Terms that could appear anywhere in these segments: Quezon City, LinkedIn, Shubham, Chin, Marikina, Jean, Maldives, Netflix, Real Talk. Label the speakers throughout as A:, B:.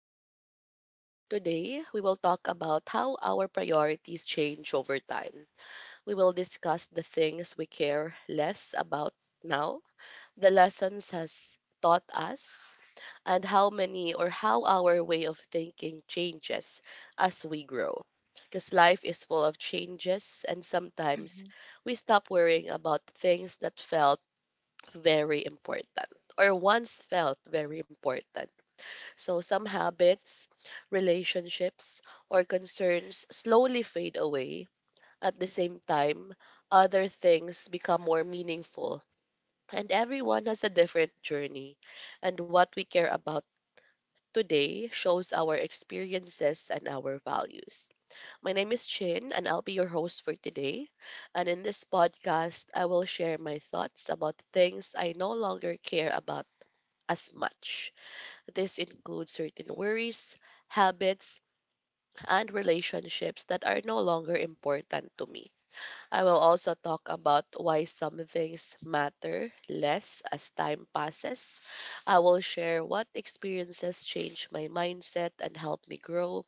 A: podcast. Today, we will talk about how our priorities change over time. We will discuss the things we care less about now, the lessons has taught us, and how many or how our way of thinking changes as we grow. Because life is full of
B: Mhm.
A: changes, and sometimes we stop worrying about things that felt very important or once felt very important so some habits, relationships, or concerns slowly fade away. At the same time, other things become more meaningful, and everyone has a different journey. And what we care about today shows our experiences and our values. My name is Chin, and I'll be your host for today. And in this podcast, I will share my thoughts about things I no longer care about as much this includes certain worries, habits, and relationships that are no longer important to me. I will also talk about why some things matter less as time passes. I will share what experiences change my mindset and help me grow.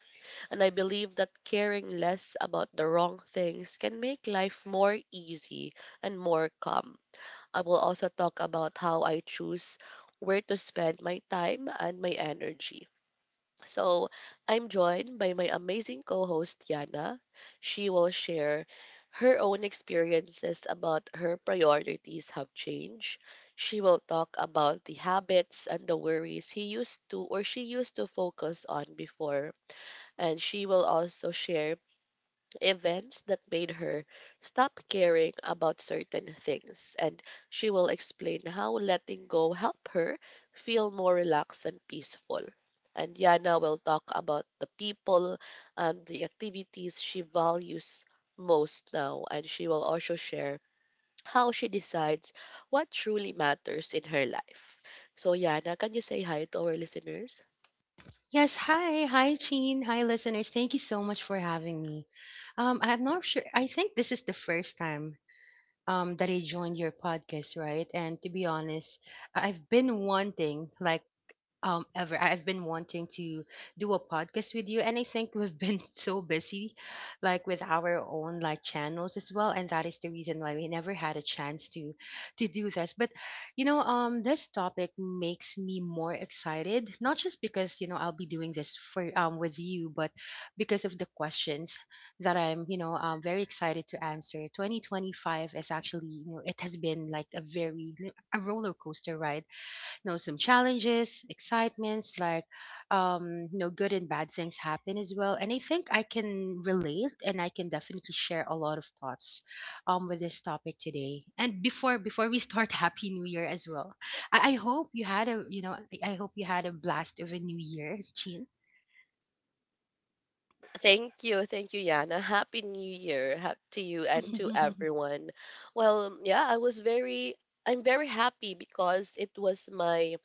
A: And I believe that caring less about the wrong things can make life more easy and more calm. I will also talk about how I choose where to spend my time and my energy. So I'm joined by my amazing co host, Yana. She will share her own experiences about her priorities have changed. She will talk about the habits and the worries he used to or she used to focus on before. And she will also share events that made her stop caring about certain things, and she will explain how letting go helped her feel more relaxed and peaceful. And Yana will talk about the people and the activities she values most now, and she will also share how she decides what truly matters in her life. So, Yana, can you say hi to our listeners?
B: Yes, hi. Hi, Jean. Hi, listeners. Thank you so much for having me. I'm not sure. I think this is the first time that I joined your podcast, right? And to be honest, I've been wanting I've been wanting to do a podcast with you, and I think we've been so busy like with our own like channels as well, and that is the reason why we never had a chance to do this. But you know, this topic makes me more excited, not just because, you know, I'll be doing this for with you, but because of the questions that I'm, you know, very excited to answer. 2025 is actually, you know, it has been like a very a roller coaster ride, you know, some challenges, excitements, like you know, good and bad things happen as well, and I think I can relate, and I can definitely share a lot of thoughts with this topic today. And before we start, happy new year as well. I hope you had a, you know, I hope you had a blast of a new year, Chin.
A: Thank you, Yana. Happy New Year to you and to everyone. Well, yeah, I'm very happy because it was my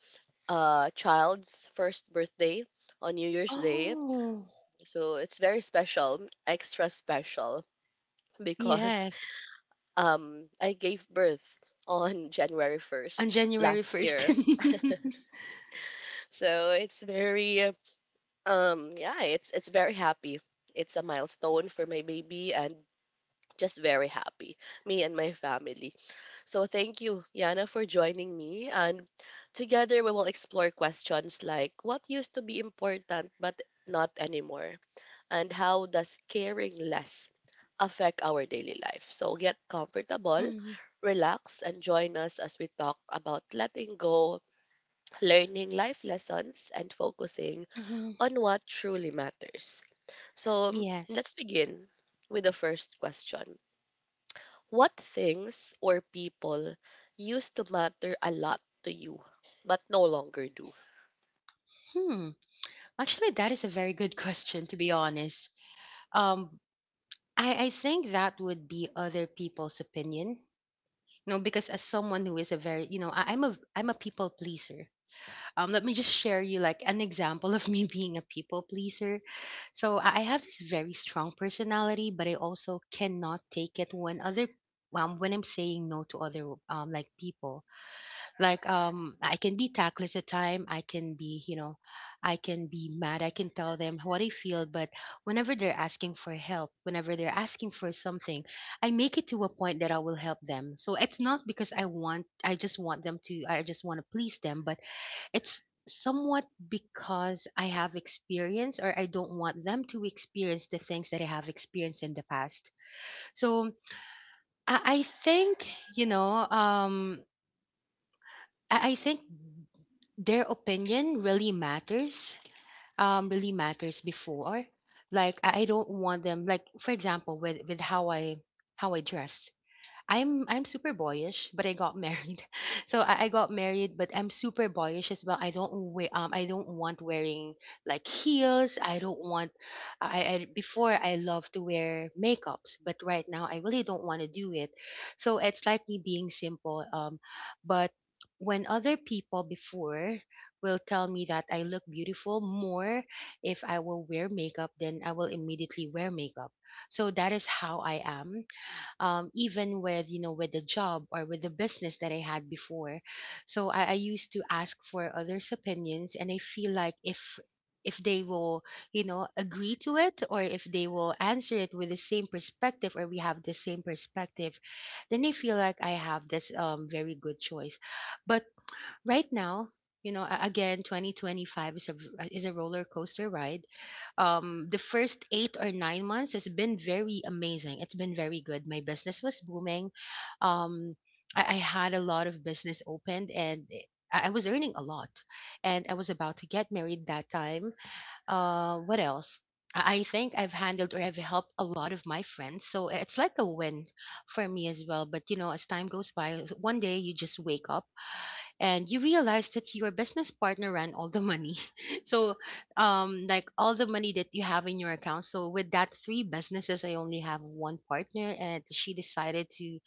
A: child's first birthday on New Year's Day,
B: Oh
A: so it's very special, extra special because
B: yes,
A: I gave birth on January 1st
B: on January
A: last
B: 1st.
A: year, so it's very, yeah, it's very happy. It's a milestone for my baby and just very happy, me and my family. So thank you, Yana, for joining me. And together we will explore questions like what used to be important but not anymore, and how does caring less affect our daily life. So get comfortable,
B: Mhm,
A: relax, and join us as we talk about letting go, learning life lessons, and focusing
B: mhm.
A: on what truly matters. So
B: Yes.
A: let's begin with the first question what things or people used to matter a lot to you but no longer do?
B: Hmm, actually that is a very good question, to be honest. Um, I think that would be other people's opinion. You know, because as someone who is a very, you know, I'm a people pleaser. Let me just share you like an example of me being a people pleaser. So I have this very strong personality, but I also cannot take it when other when I'm saying no to other like people, like I can be tactless at time, I can be, you know, I can be mad, I can tell them what I feel, but whenever they're asking for help, whenever they're asking for something, I make it to a point that I will help them. So it's not because I want, I just want them to, I just want to please them, but it's somewhat because I have experience, or I don't want them to experience the things that I have experienced in the past. So I think, you know, I think their opinion really matters, really matters before. Like I don't want them, like for example with how I how I dress. I'm super boyish, but I got married. So I got married, but I'm super boyish as well. I don't wear I don't want wearing like heels. I don't want, I before I love to wear makeups, but right now I really don't want to do it. So it's like me being simple. But when other people before will tell me that I look beautiful more if I will wear makeup, then I will immediately wear makeup. So that is how I am, even with, you know, with the job or with the business that I had before. So I used to ask for others' opinions, and I feel like if they will, you know, agree to it, or if they will answer it with the same perspective, or we have the same perspective, then I feel like I have this very good choice. But right now, you know, again, 2025 is is a roller coaster ride. The first 8 or 9 months has been very amazing, it's been very good, my business was booming. um I had a lot of business opened, and I was earning a lot, and I was about to get married that time. Uh, what else? I think I've handled, or I've helped a lot of my friends. So it's like a win for me as well. But you know, as time goes by, one day you just wake up and you realize that your business partner ran all the money. So like all the money that you have in your account. So with that three businesses, I only have one partner, and she decided to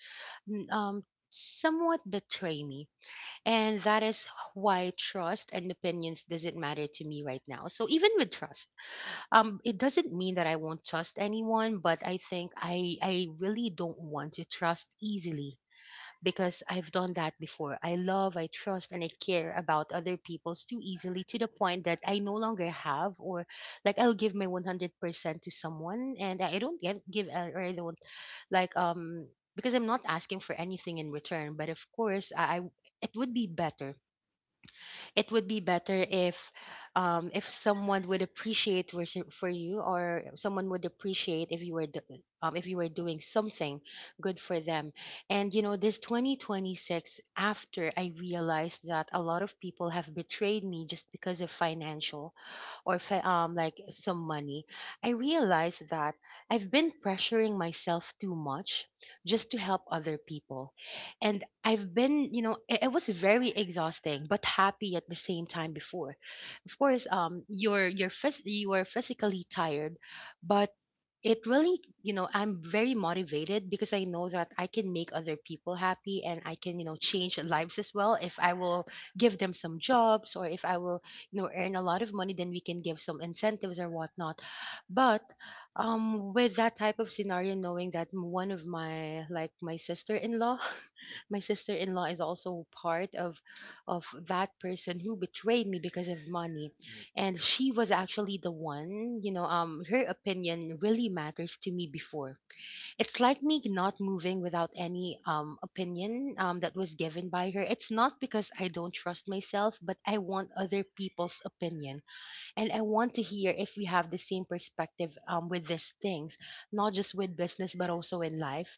B: n- um somewhat betray me. And that is why trust and opinions doesn't matter to me right now. So even with trust, it doesn't mean that I won't trust anyone, but I think I really don't want to trust easily because I've done that before. I love, I trust, and I care about other people's too easily to the point that I no longer have, or like I'll give my 100% to someone, and I don't give or I don't like, because I'm not asking for anything in return. But of course, I, it would be better if someone would appreciate for for you, or someone would appreciate if you were if you were doing something good for them. And you know, this 2026, after I realized that a lot of people have betrayed me just because of financial, or like some money, I realized that I've been pressuring myself too much just to help other people. And I've been, you know, it was very exhausting, but happy at the same time before. Of course, you are physically tired, but it really, you know, I'm very motivated because I know that I can make other people happy, and I can, you know, change lives as well. If I will give them some jobs, or if I will, you know, earn a lot of money, then we can give some incentives or whatnot. But with that type of scenario, knowing that one of my, like my sister-in-law my sister-in-law is also part of that person who betrayed me because of money. And she was actually the one, you know, her opinion really matters to me before. It's like me not moving without any opinion that was given by her. It's not because I don't trust myself, but I want other people's opinion, and I want to hear if we have the same perspective, with these things, not just with business but also in life.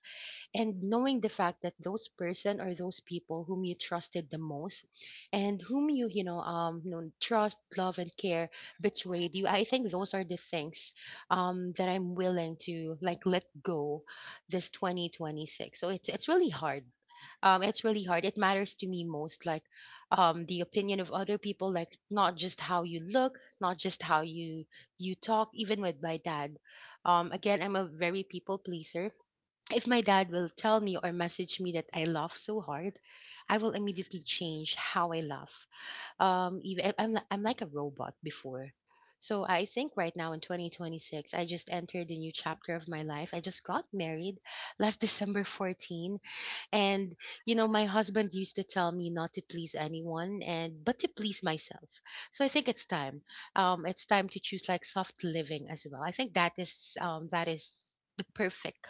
B: And knowing the fact that those person or those people whom you trusted the most, and whom you, you know, you know, trust, love, and care, betrayed you, I think those are the things that I'm willing to like let go this 2026. So it's really hard, it's really hard. It matters to me most, like the opinion of other people, like not just how you look, not just how you you talk, even with my dad. Again, I'm a very people pleaser. If my dad will tell me or message me that I laugh so hard, I will immediately change how I laugh, even I'm like a robot before. So I think right now in 2026, I just entered a new chapter of my life. I just got married last December 14. And you know, my husband used to tell me not to please anyone, and but to please myself. So I think it's time. It's time to choose like soft living as well. I think that is the perfect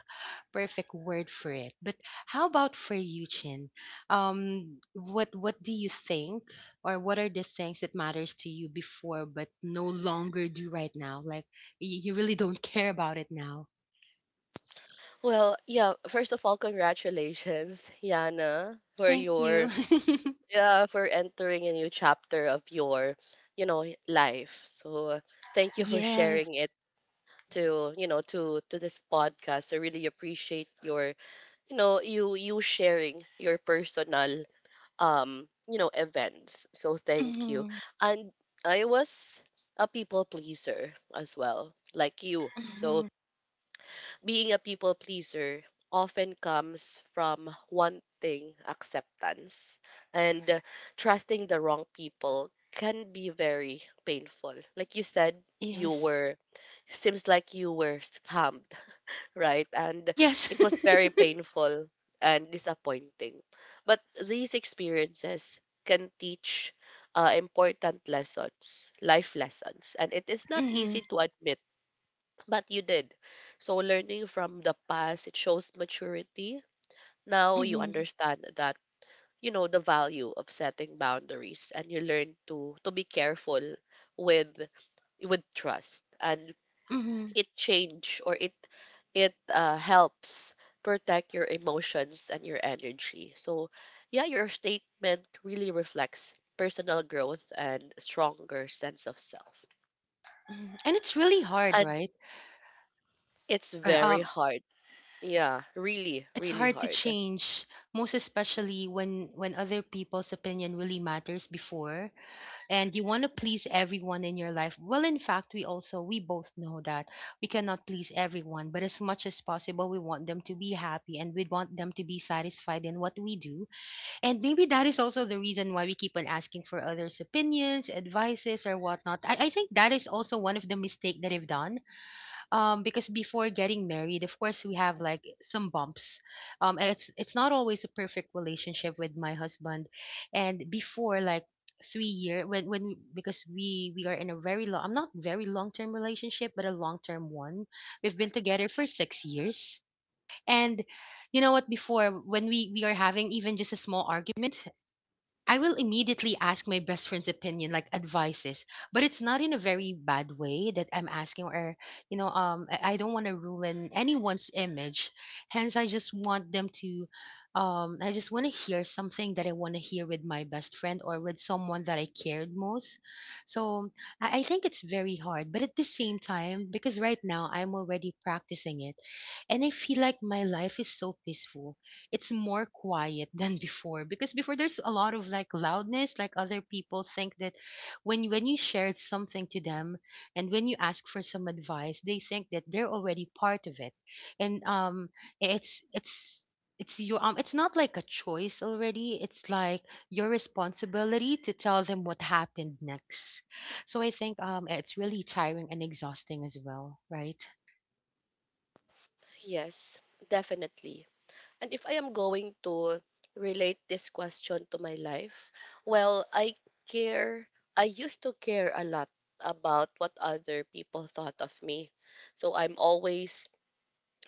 B: perfect word for it. But how about for you, Chin? What do you think, or what are the things that matters to you before but no longer do right now? Like you really don't care about it now.
A: Well, yeah, first of all, congratulations, Yana, for
B: Thank you.
A: your yeah, for entering a new chapter of your, you know, life. So, thank you for sharing it to, you know, to this podcast. I really appreciate your, you know, you sharing your personal you know events, so thank you.
B: Yes.
A: And I was a people pleaser as well, like you, so
B: Mhm.
A: being a people pleaser often comes from wanting acceptance and trusting the wrong people can be very painful. Like you said, you
B: Yes.
A: were, seems like you were scammed, right? And
B: Yes.
A: it was very painful and disappointing. But these experiences can teach important lessons, life lessons. And it is not
B: Mhm.
A: easy to admit, but you did. So, learning from the past, it shows maturity. Now you
B: Mhm.
A: understand that, you know, the value of setting boundaries and you learn to be careful with with trust, and
B: Mhm.
A: it change or it helps protect your emotions and your energy. So, yeah, your statement really reflects personal growth and stronger sense of self.
B: Mhm. And it's really hard,
A: And
B: right?
A: it's
B: Right.
A: very hard. Yeah, really,
B: It's
A: really
B: hard to
A: hard.
B: change, most especially when other people's opinion really matters before, and you want to please everyone in your life. Well, in fact, we also we both know that we cannot please everyone, but as much as possible, we want them to be happy, and we want them to be satisfied in what we do. And maybe that is also the reason why we keep on asking for others' opinions, advices, or whatnot. I think that is also one of the mistake that I've done. Because before getting married, of course, we have like some bumps. And it's not always a perfect relationship with my husband. And before, like three year when because we are in a very long, I'm not very long term relationship but a long term one, we've been together for 6 years. And you know what, before when we are having even just a small argument, I will immediately ask my best friend's opinion, like advices, but it's not in a very bad way that I'm asking, or you know, I don't want to ruin anyone's image. Hence, I just want to hear something that I want to hear with my best friend or with someone that I cared most. So I think it's very hard, but at the same time, because right now I'm already practicing it, and I feel like my life is so peaceful. It's more quiet than before, because before there's a lot of like loudness, like other people think that when you share something to them, and when you ask for some advice they think that they're already part of it, and it's it's it's not like a choice already, it's like your responsibility to tell them what happened next. So I think, it's really tiring and exhausting as well, right?
A: Yes, definitely. And if I am going to relate this question to my life, well, care, I used to care a lot about what other people thought of me. So I'm always,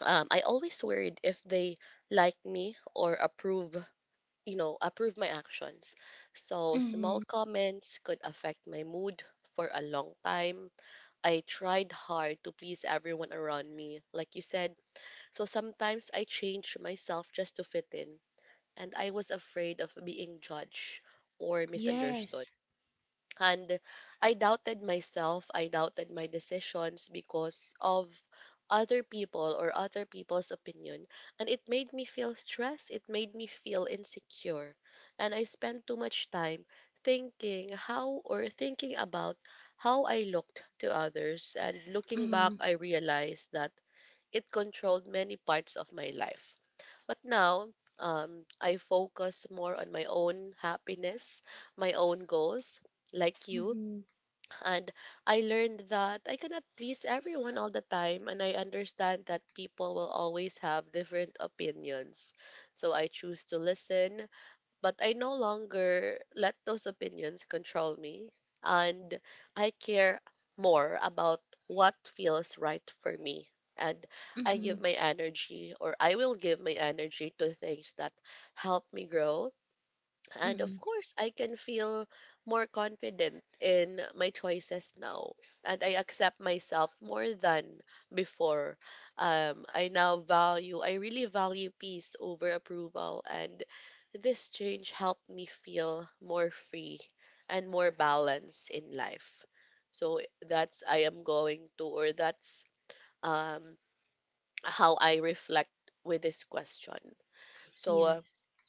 A: um, I always worried if they like me or approve, you know, approve my actions. So small
B: Mm-hmm.
A: comments could affect my mood for a long time. I tried hard to please everyone around me, like you said. So sometimes I change myself just to fit in and I was afraid of being judged or
B: Yes,
A: misunderstood.
B: yes.
A: And I doubted my decisions because of other people's opinion. And it made me feel insecure. And I spent too much time thinking about how I looked to others. And looking back,
B: Mm.
A: I realized that it controlled many parts of my life, but now, I focus more on my own happiness, my own goals, like you.
B: Mm-hmm.
A: And I learned that I cannot please everyone all the time. And I understand that people will always have different opinions. So I choose to listen, but I no longer let those opinions control me, and I care more about what feels right for me. And
B: Mm-hmm,
A: I will give my energy to things that help me grow, and of
B: mm-hmm.
A: course, I can feel more confident in my choices now. And I accept myself more than before. I now value, I really value peace over approval. And this change helped me feel more free and more balanced in life. So that's, I am going to, or that's um, how I reflect with this question. So,
B: Yes.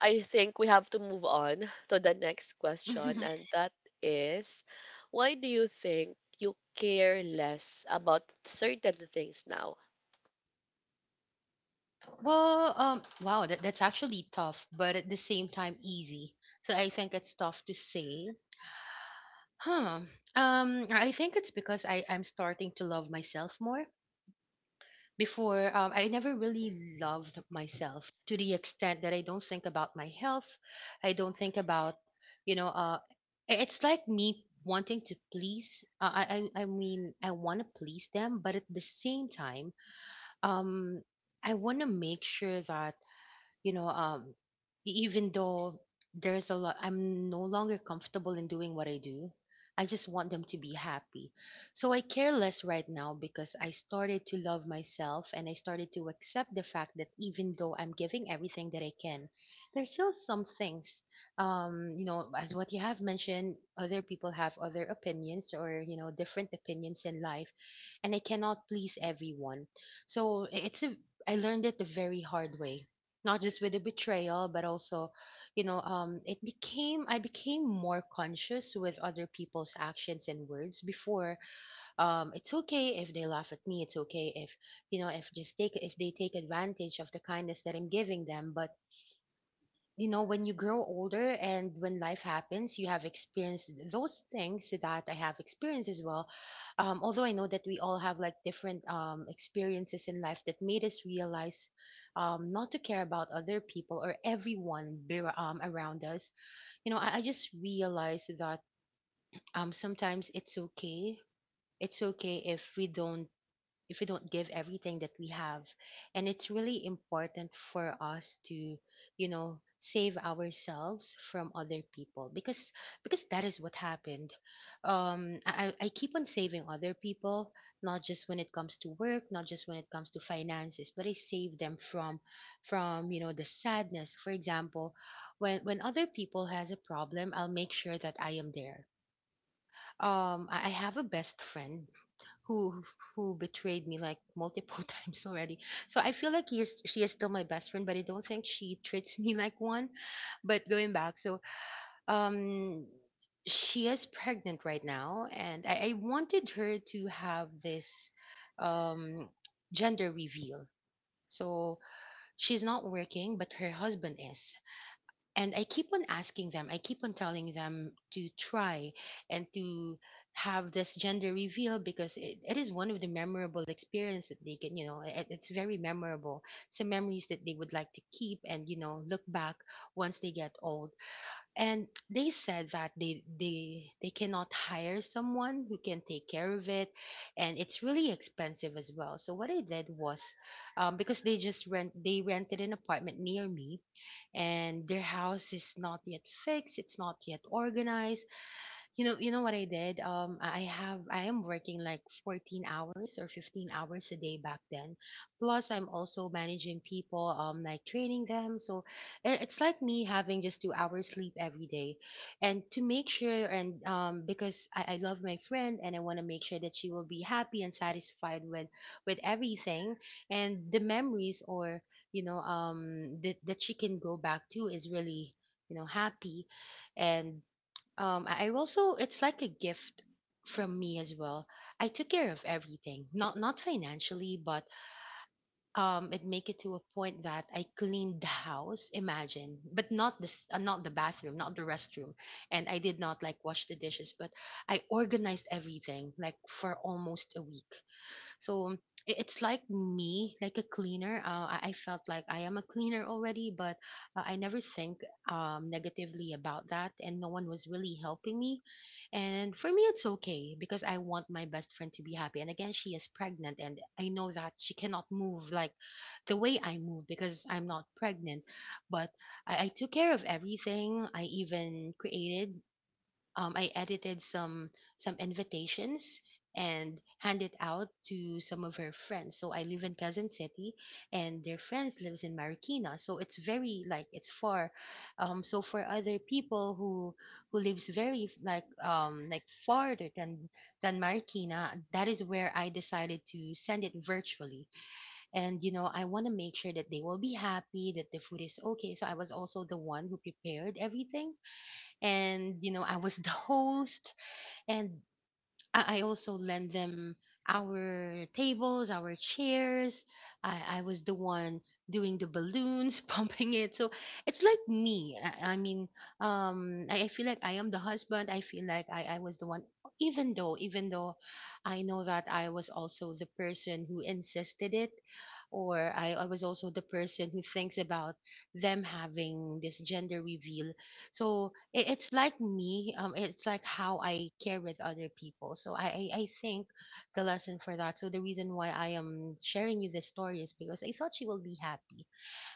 A: I think we have to move on to the next question, and that is why do you think you care less about certain things now?
B: Well, wow, that's actually tough, but at the same time easy. So I think it's tough to say. Huh. I think it's because I'm starting to love myself more. Before, I never really loved myself to the extent that I don't think about my health. I don't think about, you know, uh, it's like me wanting to please. I mean, I want to please them, but at the same time, um, I want to make sure that you know um even though there's a lot I'm no longer comfortable in doing what I do. I just want them to be happy, so I care less right now because I started to love myself and I started to accept the fact that even though I'm giving everything that I can, there's still some things. You know, as what you have mentioned, other people have other opinions, or different opinions in life, and I cannot please everyone, so I- it's a I learned it the very hard way, not just with the betrayal but also, it became I became more conscious with other people's actions and words. Before, it's okay if they laugh at me, it's okay if you know if just take if they take advantage of the kindness that I'm giving them. But when you grow older and when life happens, you have experienced those things that I have experienced as well. Although I know that we all have like different experiences in life that made us realize not to care about other people or everyone around us. I just realized that sometimes it's okay. It's okay if we don't give everything that we have, and it's really important for us to save ourselves from other people, because that is what happened. I keep on saving other people, not just when it comes to work, not just when it comes to finances, but I save them from the sadness, for example. When other people has a problem, I'll make sure that I am there. I have a best friend who who betrayed me like multiple times already. So I feel like he is she is still my best friend, but I don't think she treats me like one. But going back, so um she is pregnant right now, and I wanted her to have this um gender reveal. So she's not working, but her husband is, and I keep on asking them, I keep on telling them to try and to have this gender reveal, because it is one of the memorable experience that they can, you know, it, it's very memorable. Some memories that they would like to keep and, look back once they get old. And they said that they cannot hire someone who can take care of it, and it's really expensive as well. So what I did was, because they just rented an apartment near me, and their house is not yet fixed, it's not yet organized. You know what I did? I am working like 14 hours or 15 hours a day back then. Plus, I'm also managing people, like training them. So it's like me having just 2 hours sleep every day, and to make sure, and because I love my friend and I want to make sure that she will be happy and satisfied with everything, and the memories or that she can go back to is really, happy. And I also it's like a gift from me as well. I took care of everything, not financially, but it make it to a point that I cleaned the house. Imagine, but not this, not the bathroom, not the restroom, and I did not like wash the dishes, but I organized everything like for almost a week. So it's like me, like a cleaner. I felt like I am a cleaner already, but I never think negatively about that, and no one was really helping me. And for me, it's okay because I want my best friend to be happy. And again, she is pregnant, and I know that she cannot move like the way I move because I'm not pregnant. But I took care of everything. I even created I edited some invitations and hand it out to some of her friends. So I live in Quezon City, and their friends lives in Marikina. So it's very like it's far. So for other people who lives very like farther than Marikina, that is where I decided to send it virtually. And I want to make sure that they will be happy, that the food is okay. So I was also the one who prepared everything, and I was the host, and I also lend them our tables, our chairs. I was the one doing the balloons, pumping it. So it's like me. I mean, I feel like I am the husband. I feel like I was the one. Even though I know that I was also the person who insisted it, or I was also the person who thinks about them having this gender reveal, so it's like me. It's like how I care with other people. So I think the lesson for that. So the reason why I am sharing you this story is because I thought she will be happy,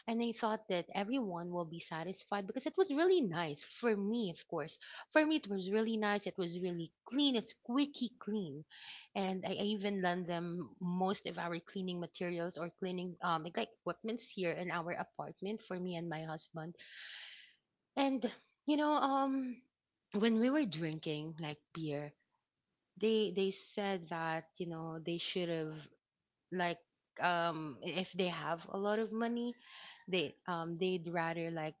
B: and I thought that everyone will be satisfied because it was really nice for me. Of course, for me it was really nice. It was really clean. It's squeaky clean, and I even lend them most of our cleaning materials or cleaning like equipments here in our apartment for me and my husband. And you know, um, when we were drinking like beer, they said that they should have like if they have a lot of money, they'd rather like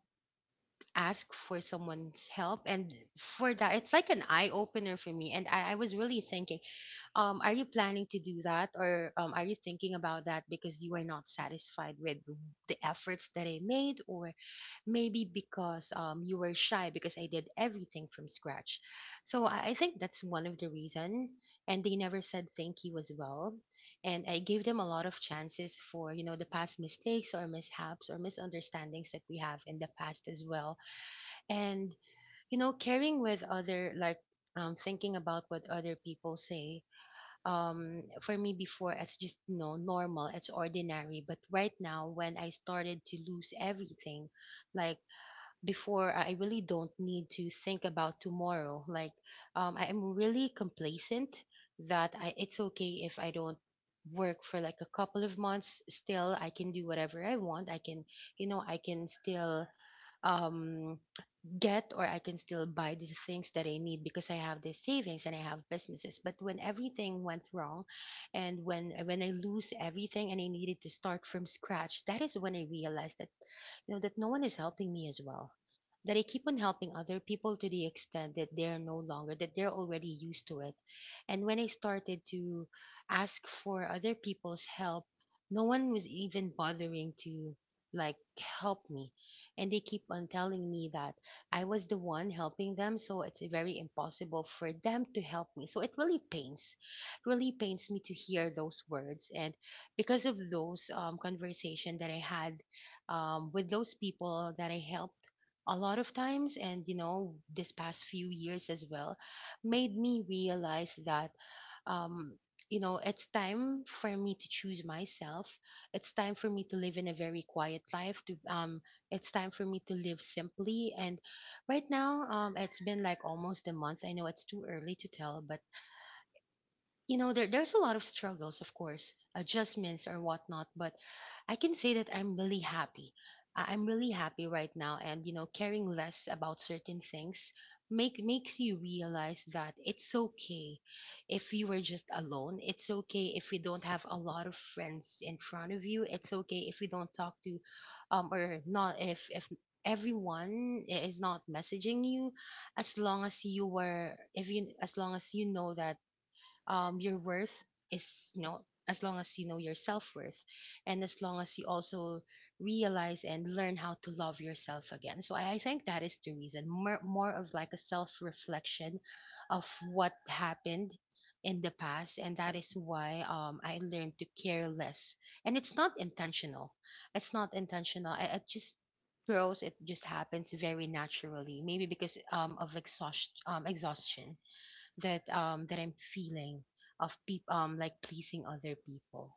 B: ask for someone's help. And for that, it's like an eye opener for me. And I was really thinking, are you planning to do that, or are you thinking about that because you are not satisfied with the efforts that I made, or maybe because you were shy because I did everything from scratch. So I think that's one of the reason. And they never said thank you as well. And I gave them a lot of chances for, the past mistakes or mishaps or misunderstandings that we have in the past as well. And, caring with other, like, thinking about what other people say. For me before, it's just, normal, it's ordinary. But right now, when I started to lose everything, like before I really don't need to think about tomorrow. Like, I am really complacent that it's okay if I don't work for like a couple of months. Still, I can do whatever I want. I can, I can still um, get, or I can still buy the things that I need because I have the savings and I have businesses. But when everything went wrong, and when I lose everything and I needed to start from scratch, that is when I realized that you know that no one is helping me as well. That I keep on helping other people to the extent that they're no longer that they're already used to it. And when I started to ask for other people's help, no one was even bothering to like help me, and they keep on telling me that I was the one helping them, so it's very impossible for them to help me. So it really pains me to hear those words. And because of those conversation that I had, with those people that I helped a lot of times, and you know, this past few years as well, made me realize that um you know it's time for me to choose myself, it's time for me to live in a very quiet life, to it's time for me to live simply. And right now, it's been like almost a month. I know it's too early to tell, but you know there's a lot of struggles, of course, adjustments or whatnot, but I can say that I'm really happy. I'm really happy right now, and you know, caring less about certain things makes you realize that it's okay if you were just alone, it's okay if you don't have a lot of friends in front of you, it's okay if you don't talk to or not, if everyone is not messaging you. As long as you were, if you, as long as you know that your worth is, you know, as long as you know your self worth, and as long as you also realize and learn how to love yourself again. So I think that is the reason, more of like a self reflection of what happened in the past, and that is why I learned to care less. And it's not intentional, it's not intentional. It just grows, it just happens very naturally, maybe because of exhaustion that that I'm feeling of people like pleasing other people.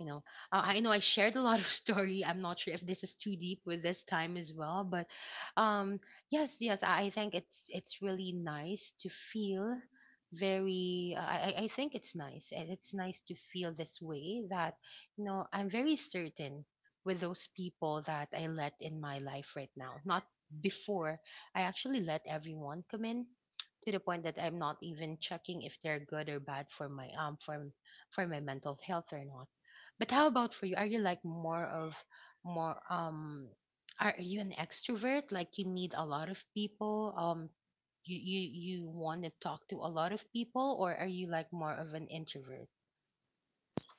B: You know, I know I shared a lot of story. I'm not sure if this is too deep with this time as well, but um yes, yes, I think it's really nice to feel very, I think it's nice. And it's nice to feel this way, that you know, I'm very certain with those people that I let in my life right now. Not before. I actually let everyone come in, to the point that I'm not even checking if they're good or bad for my mental health or not. But how about for you? Are you like more of, more are you an extrovert? Like you need a lot of people? You want to talk to a lot of people, or are you like more of an introvert?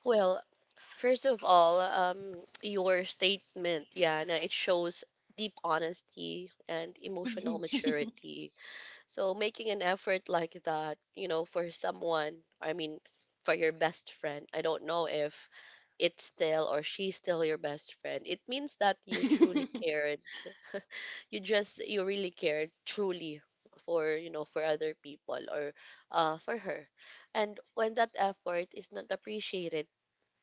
A: Well, first of all, your statement, Yana, it shows deep honesty and emotional maturity. So making an effort like that, you know, for someone, I mean, for your best friend, I don't know if it's still or she's still your best friend. It means that you truly care, you really cared truly for, you know, for other people or for her, and when that effort is not appreciated,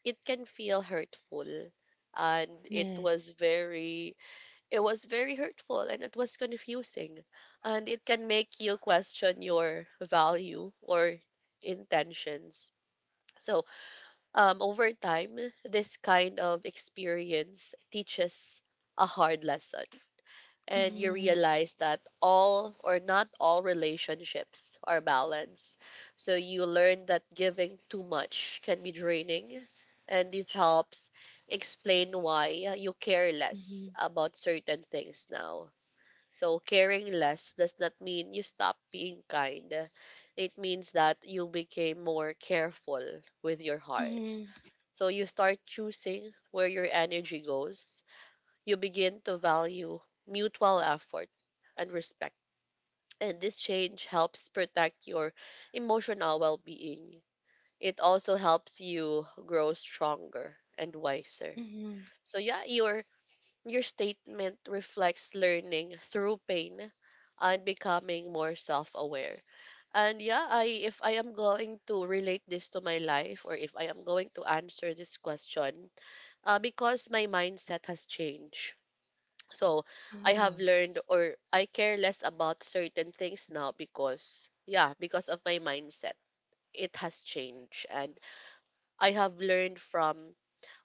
A: it can feel hurtful. And
B: Yes.
A: it was very hurtful and it was confusing, and it can make you question your value or intentions. So over time this kind of experience teaches a hard lesson, and you
B: Mm-hmm.
A: realize that all or not all relationships are balanced. So you learn that giving too much can be draining, and this helps explain why you care
B: Mm-hmm.
A: less about certain things now. So caring less does not mean you stop being kind. It means that you became more careful with your heart.
B: Hmm.
A: So you start choosing where your energy goes, you begin to value mutual effort and respect. And this change helps protect your emotional well being. It also helps you grow stronger and wiser.
B: Hmm.
A: So yeah, your statement reflects learning through pain and becoming more self-aware. And yeah, I if I am going to relate this to my life, or if I am going to answer this question, because my mindset has changed, so I have
B: Hmm.
A: learned or I care less about certain things now because, yeah, because of my mindset. It has changed and I have learned from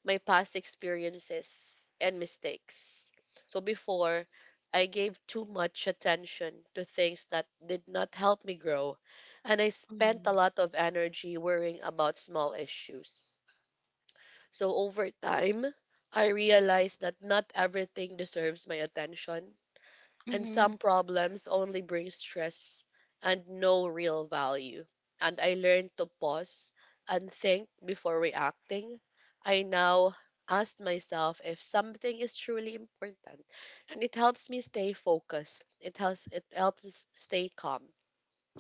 A: my past experiences and mistakes. So before I gave too much attention to things that did not help me grow, and I spent a lot of energy worrying about small issues. So over time, I realized that not everything deserves my attention, and
B: Hmm.
A: some problems only bring stress and no real value. And I learned to pause and think before reacting. I now ask myself if something is truly important, and it helps me stay focused. It helps us stay calm,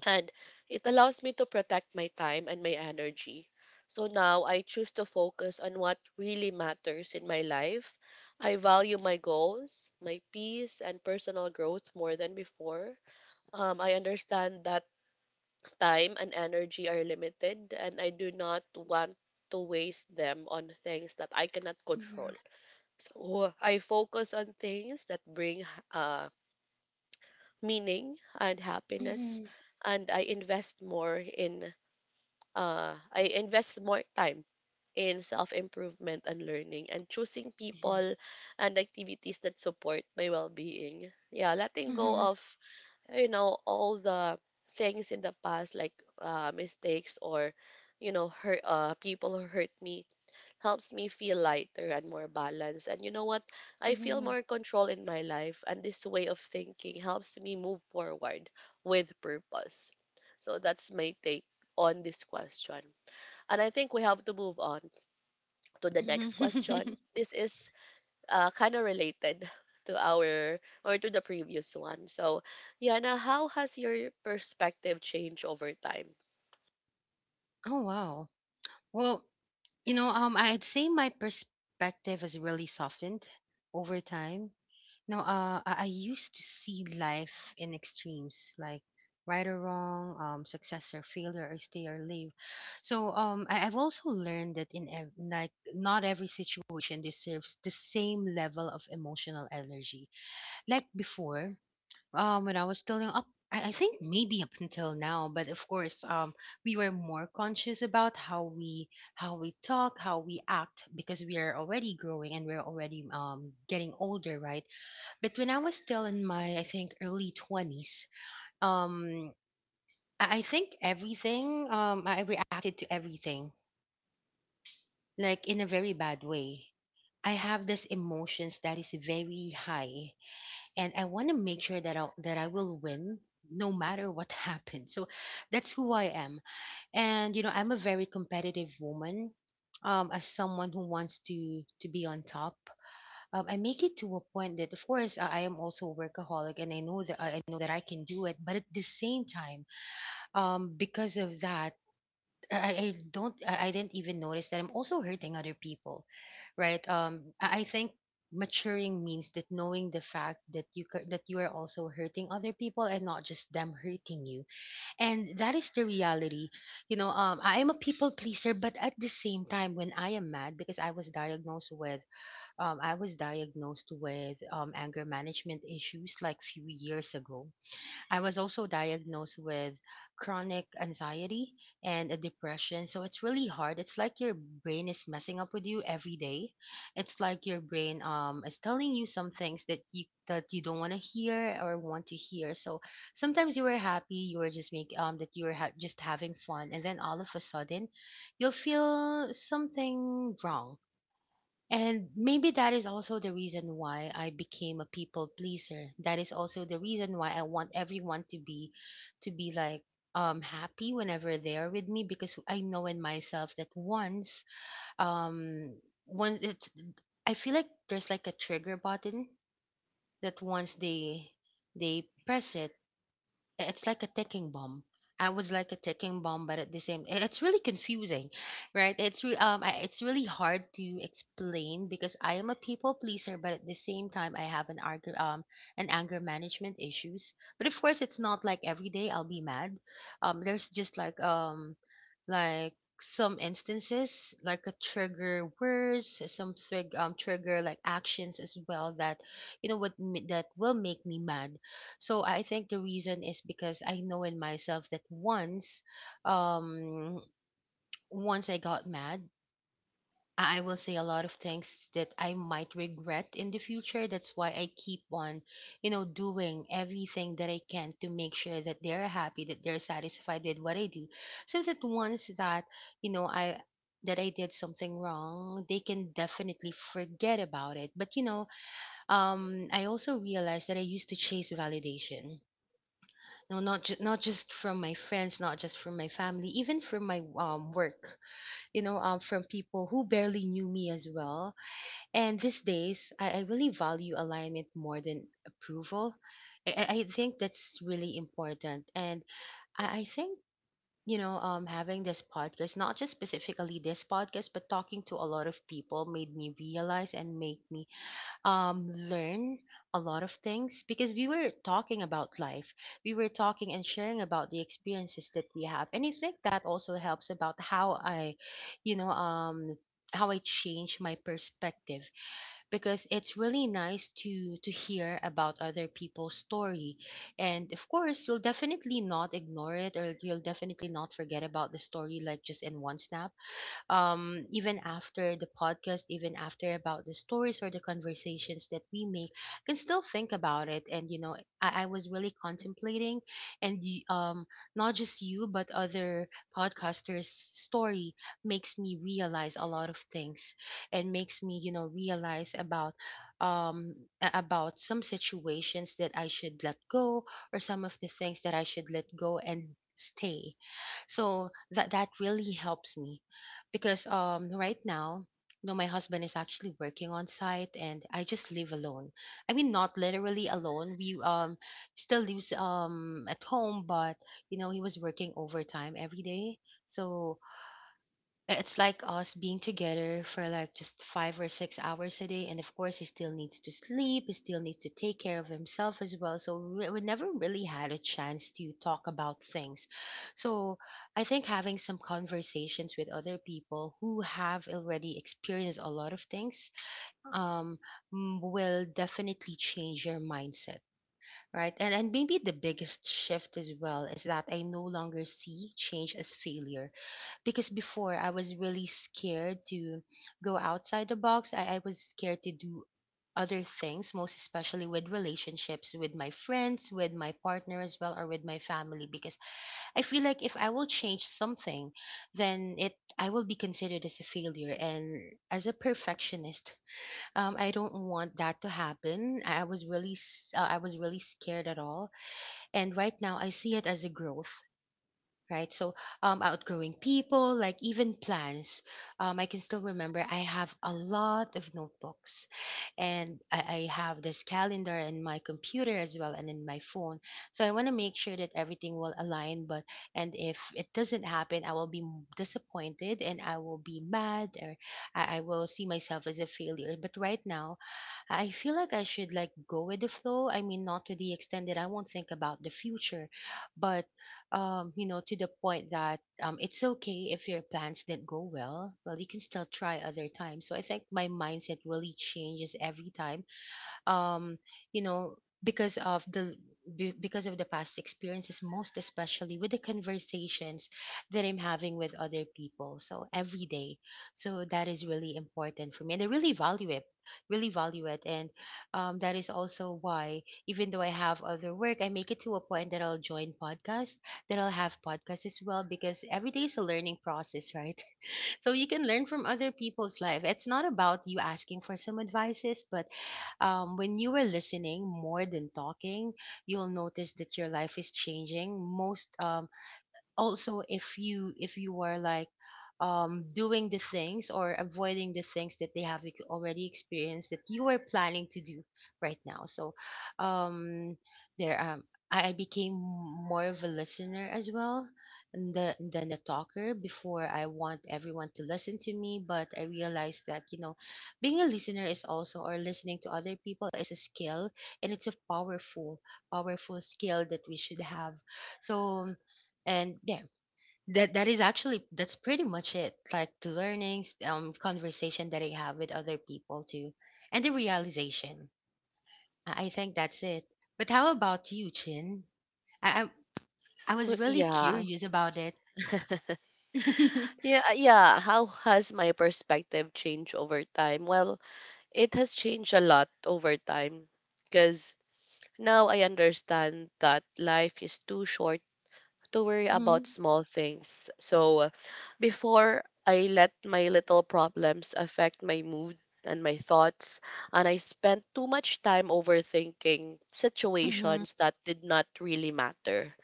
A: and it allows me to protect my time and my energy. So now I choose to focus on what really matters in my life. I value my goals, my peace, and personal growth more than before. I understand that time and energy are limited, and I do not want to waste them on things that I cannot control. So I focus on things that bring uh, meaning and happiness,
B: Hmm.
A: and I invest more time in self improvement and learning and choosing people
B: Yes.
A: and activities that support my well being. Yeah, letting go of, you know, all the things in the past, like mistakes, or, you know, hurt, people who hurt me, helps me feel lighter and more balanced. And you know what? I feel
B: Mhm.
A: more control in my life, and this way of thinking helps me move forward with purpose. So that's my take on this question. And I think we have to move on to the next question. This is kind of related to our or to the previous one. So, Yana, how has your perspective changed over time?
B: Oh wow. Well, you know, I'd say my perspective has really softened over time. You know, I used to see life in extremes, like right or wrong, success or failure, or stay or leave. So, I've also learned that like not every situation deserves the same level of emotional energy. Like before, when I was still young, I think maybe up until now, but of course, we were more conscious about how we, how we talk, how we act, because we are already growing and we're already getting older, right? But when I was still in my, I think, early 20s, um I think everything, I reacted to everything like in a very bad way. I have this emotions that is very high, and I want to make sure that I will win no matter what happens. So that's who I am. And you know, I'm a very competitive woman. As someone who wants to be on top, I make it to a point that, of course, I am also a workaholic, and I know that I know that I can do it. But at the same time, because of that, I don't I didn't even notice that I'm also hurting other people, right? I think maturing means that, knowing the fact that that you are also hurting other people and not just them hurting you, and that is the reality. You know, I am a people pleaser, but at the same time, when I am mad. Because I was diagnosed with, I was diagnosed with, anger management issues like few years ago. I was also diagnosed with chronic anxiety and a depression. So it's really hard. It's like your brain is messing up with you every day. It's like your brain is telling you some things that you don't want to hear or want to hear. So sometimes you were happy, you were just make that you were just having fun, and then all of a sudden, you'll feel something wrong. And maybe that is also the reason why I became a people pleaser. That is also the reason why I want everyone to be, to be like happy whenever they are with me. Because I know in myself that um once it's, I feel like there's like a trigger button that once they press it, it's like a ticking bomb. I was like a ticking bomb, but at the same, it's really confusing, right? It's really hard to explain because I am a people pleaser, but at the same time, I have an anger management issues. But of course, it's not like every day I'll be mad. There's just like, like some instances like a trigger words, some trig trigger like actions as well, that you know that will make me mad. So I think the reason is because I know in myself that once, um, once I got mad, I will say a lot of things that I might regret in the future. That's why I keep on, you know, doing everything that I can to make sure that they're happy, that they're satisfied with what I do, so that once that, you know, I that I did something wrong, they can definitely forget about it. But you know, I also realized that I used to chase validation. No, not just from my friends, not just from my family, even from my work. You know, from people who barely knew me as well. And these days, I really value alignment more than approval. I think that's really important. And I think, you know, having this podcast, not just specifically this podcast, but talking to a lot of people, made me realize and make me learn a lot of things, because we were talking about life. We were talking and sharing about the experiences that we have. And I think that also helps about how I, you know, how I change my perspective, because it's really nice to hear about other people's story. And of course, you'll definitely not ignore it, or you'll definitely not forget about the story like just in one snap. Even after the podcast, even after about the stories or the conversations that we make, can still think about it. And you know, I was really contemplating, and not just you, but other podcasters' story makes me realize a lot of things, and makes me, you know, realize about um about some situations that I should let go, or some of the things that I should let go and stay. So that that really helps me, because right now, no my husband is actually working on site, and I just live alone. I mean, not literally alone. We still lives at home, but you know, he was working overtime every day. So it's like us being together for like just 5 or 6 hours a day. And of course, he still needs to sleep. He still needs to take care of himself as well. So we never really had a chance to talk about things. So I think having some conversations with other people who have already experienced a lot of things um, will definitely change your mindset. Right. And maybe the biggest shift as well is that I no longer see change as failure. Because before, I was really scared to go outside the box. I was scared to do other things, most especially with relationships, with my friends, with my partner as well, or with my family, because I feel like if I will change something, then it I will be considered as a failure. And as a perfectionist, I don't want that to happen. I was really I was really scared at all, and right now I see it as a growth, right? So, outgrowing people, like even plans. I can still remember I have a lot of notebooks, and I have this calendar in my computer as well, and in my phone. So I want to make sure that everything will align. But and if it doesn't happen, I will be disappointed, and I will be mad, or I will see myself as a failure. But right now, I feel like I should like go with the flow. I mean, not to the extent that I won't think about the future, but to the point that it's okay if your plans didn't go well. Well, you can still try other times. So I think my mindset really changes every time um you know because of because of the past experiences, most especially with the conversations that I'm having with other people, so every day. So that is really important for me and I really value it, really value it. And that is also why, even though I have other work, I make it to a point that I'll join podcasts, that I'll have podcasts as well, because every day is a learning process, right? So you can learn from other people's life. It's not about you asking for some advices, but when you are listening more than talking, you'll notice that your life is changing. Most also if you were like doing the things or avoiding the things that they have already experienced, that you were planning to do right now. So um there I became more of a listener as well than a talker. Before I want everyone to listen to me, but I realized that, you know, being a listener is also, or listening to other people, is a skill. And it's a powerful, powerful skill that we should have. So and there that that is actually that's pretty much it. Like the learnings, conversation that I have with other people too, and the realization. I think that's it. But how about you, Chin? I I was really
A: Yeah.
B: curious about it.
A: Yeah. How has my perspective changed over time? Well, it has changed a lot over time because now I understand that life is too short to worry about
B: Mm-hmm.
A: small things. So before I let my little problems affect my mood and my thoughts, and I spent too much time overthinking
B: Mm-hmm.
A: situations that did not really matter.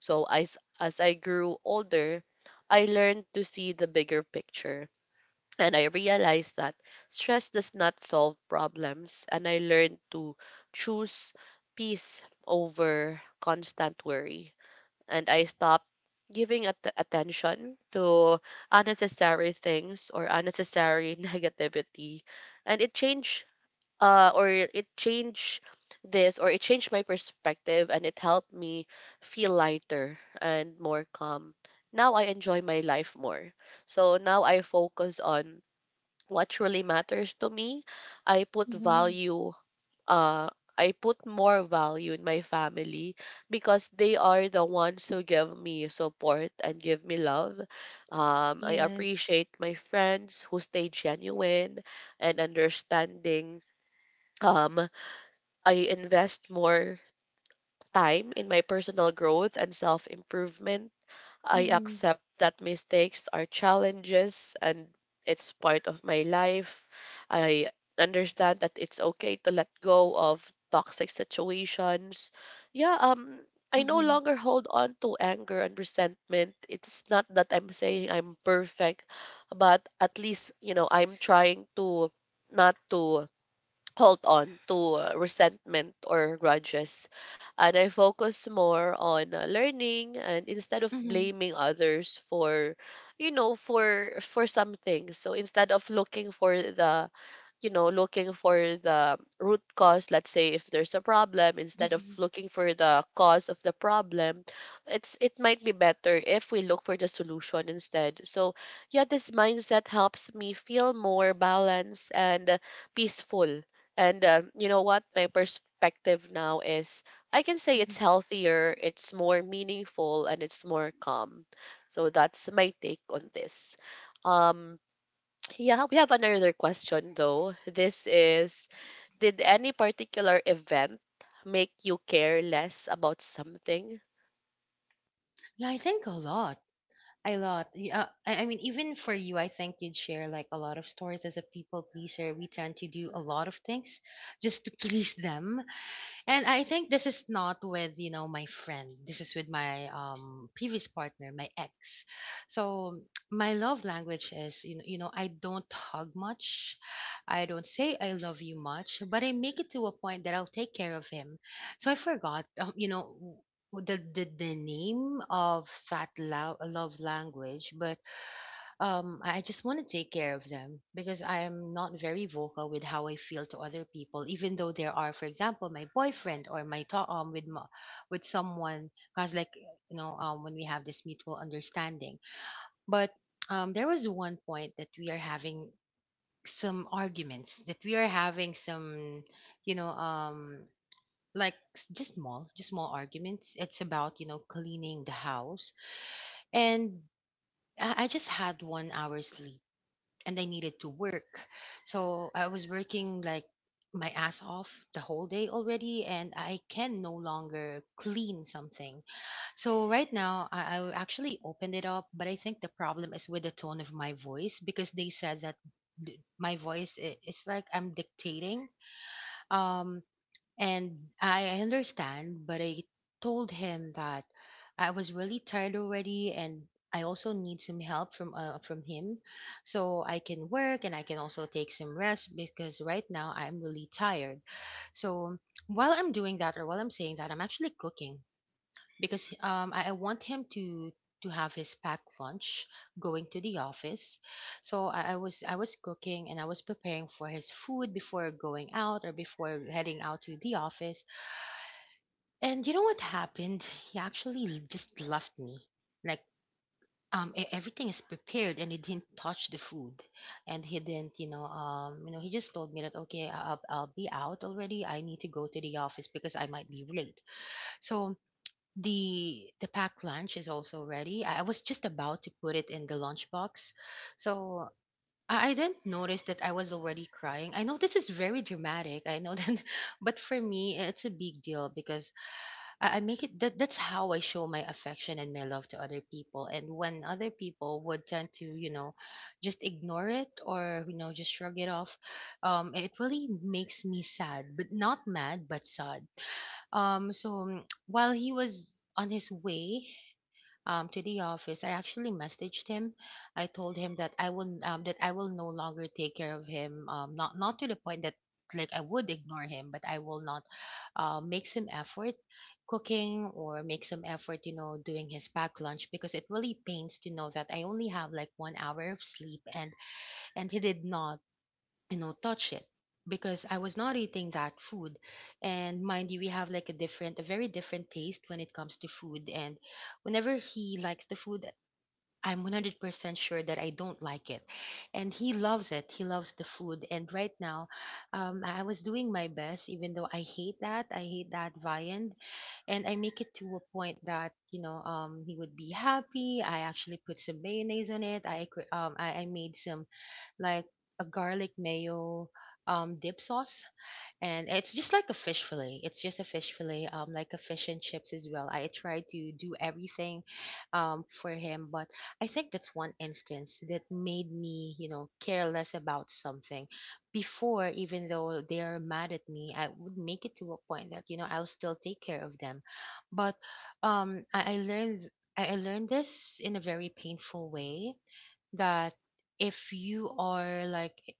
A: So as I grew older, I learned to see the bigger picture. And I realized that stress does not solve problems. And I learned to choose peace over constant worry and I stopped giving attention to unnecessary things or unnecessary negativity. And it changed, or it changed this, or it changed my perspective, and it helped me feel lighter and more calm. Now I enjoy my life more. So now I focus on what truly matters to me. I put
B: Mm-hmm.
A: value uh, I put more value in my family because they are the ones who give me support and give me love. I
B: Yes.
A: appreciate my friends who stay genuine and understanding. Um, I invest more time in my personal growth and self improvement. I
B: Mm-hmm.
A: accept that mistakes are challenges and it's part of my life. I understand that it's okay to let go of toxic situations. Yeah, I no
B: Mm-hmm.
A: longer hold on to anger and resentment. It's not that I'm saying I'm perfect, but at least, I'm trying to not to hold on to resentment or grudges. And I focus more on learning and instead of
B: Mm-hmm.
A: blaming others for, for something. So instead of looking for the looking for the root cause, let's say if there's a problem, instead of
B: Mm-hmm.
A: looking for the cause of the problem, it might be better if we look for the solution instead. So yeah, this mindset helps me feel more balanced and peaceful. And you know what? My perspective now is I can say it's
B: Hmm.
A: healthier, it's more meaningful, and it's more calm. So that's my take on this. Um, yeah, we have another question though. This is, did any particular event make you care less about something?
B: Yeah, I think a lot. A lot. Yeah, I mean, even for you, I think you'd share like a lot of stories. As a people pleaser, we tend to do a lot of things just to please them. And I think this is not with, you know, my friend. This is with my previous partner, my ex. So my love language is, you know, I don't hug much. I don't say I love you much, but I make it to a point that I'll take care of him. So I forgot, you know, the name of that love language, but I just want to take care of them because I am not very vocal with how I feel to other people, even though there are, for example, my boyfriend or my with with someone, because like you know when we have this mutual understanding. But there was 1 point that we are having some arguments, that we are having some, you know, like just small, just small arguments. It's about, you know, cleaning the house. And I just had 1 hour sleep and I needed to work. So I was working like my ass off the whole day already, and I can no longer clean something. So right now, I actually opened it up, but I think the problem is with the tone of my voice, because they said that my voice it's like I'm dictating. Um, and I understand, but I told him that I was really tired already, and I also need some help from him, so I can work and I can also take some rest, because right now I'm really tired. So while I'm doing that, or while I'm saying that, I'm actually cooking, because I want him to have his packed lunch going to the office. So I was cooking and I was preparing for his food before going out, or before heading out to the office. And you know what happened? He actually just left me. Like everything is prepared, and he didn't touch the food, and he didn't, you know, he just told me that, okay, I'll be out already. I need to go to the office because I might be late. So the packed lunch is also ready. I was just about to put it in the lunchbox. So I didn't notice that I was already crying. I know this is very dramatic. I know that, but for me, it's a big deal because I make it that that's how I show my affection and my love to other people. And when other people would tend to, you know, just ignore it, or, you know, just shrug it off, it really makes me sad, but not mad, but sad. While he was on his way to the office, I actually messaged him. I told him that I will no longer take care of him. Not not to the point that like I would ignore him, but I will not make some effort cooking, or make some effort, you know, doing his packed lunch, because it really pains to know that I only have like 1 hour of sleep and he did not, you know, touch it, because I was not eating that food. And mind you, we have like a different, a very different taste when it comes to food. And whenever he likes the food, I'm 100% sure that I don't like it. And he loves it. He loves the food. And right now, I was doing my best, even though I hate that. I hate that viand. And I make it to a point that, you know, he would be happy. I actually put some mayonnaise on it. I made some like a garlic mayo dip sauce. And it's just like a fish fillet, it's just a fish fillet, like a fish and chips as well. I tried to do everything for him, but I think that's one instance that made me, you know, care less about something. Before, even though they are mad at me, I would make it to a point that, you know, I'll still take care of them. But I learned, I learned this in a very painful way, that if you are like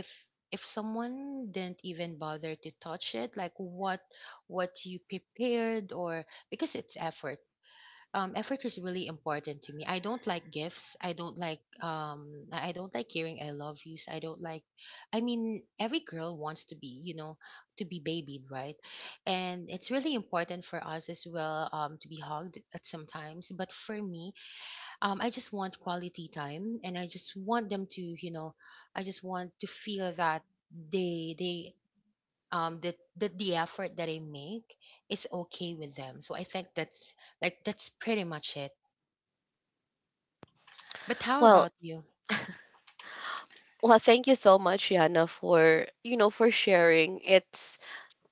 B: if if someone didn't even bother to touch it, like what you prepared, or, because it's effort. Effort is really important to me. I don't like gifts. I don't like I don't like hearing I love yous. I don't like, I mean, every girl wants to be, you know, to be babied, right? And it's really important for us as well to be hugged at sometimes, but for me, I just want quality time, and I just want them to, you know, I just want to feel that they that the effort that I make is okay with them. So I think that's, like, that's pretty much it. But how
A: Well,
B: about you?
A: well, thank you so much, Yana, for for sharing.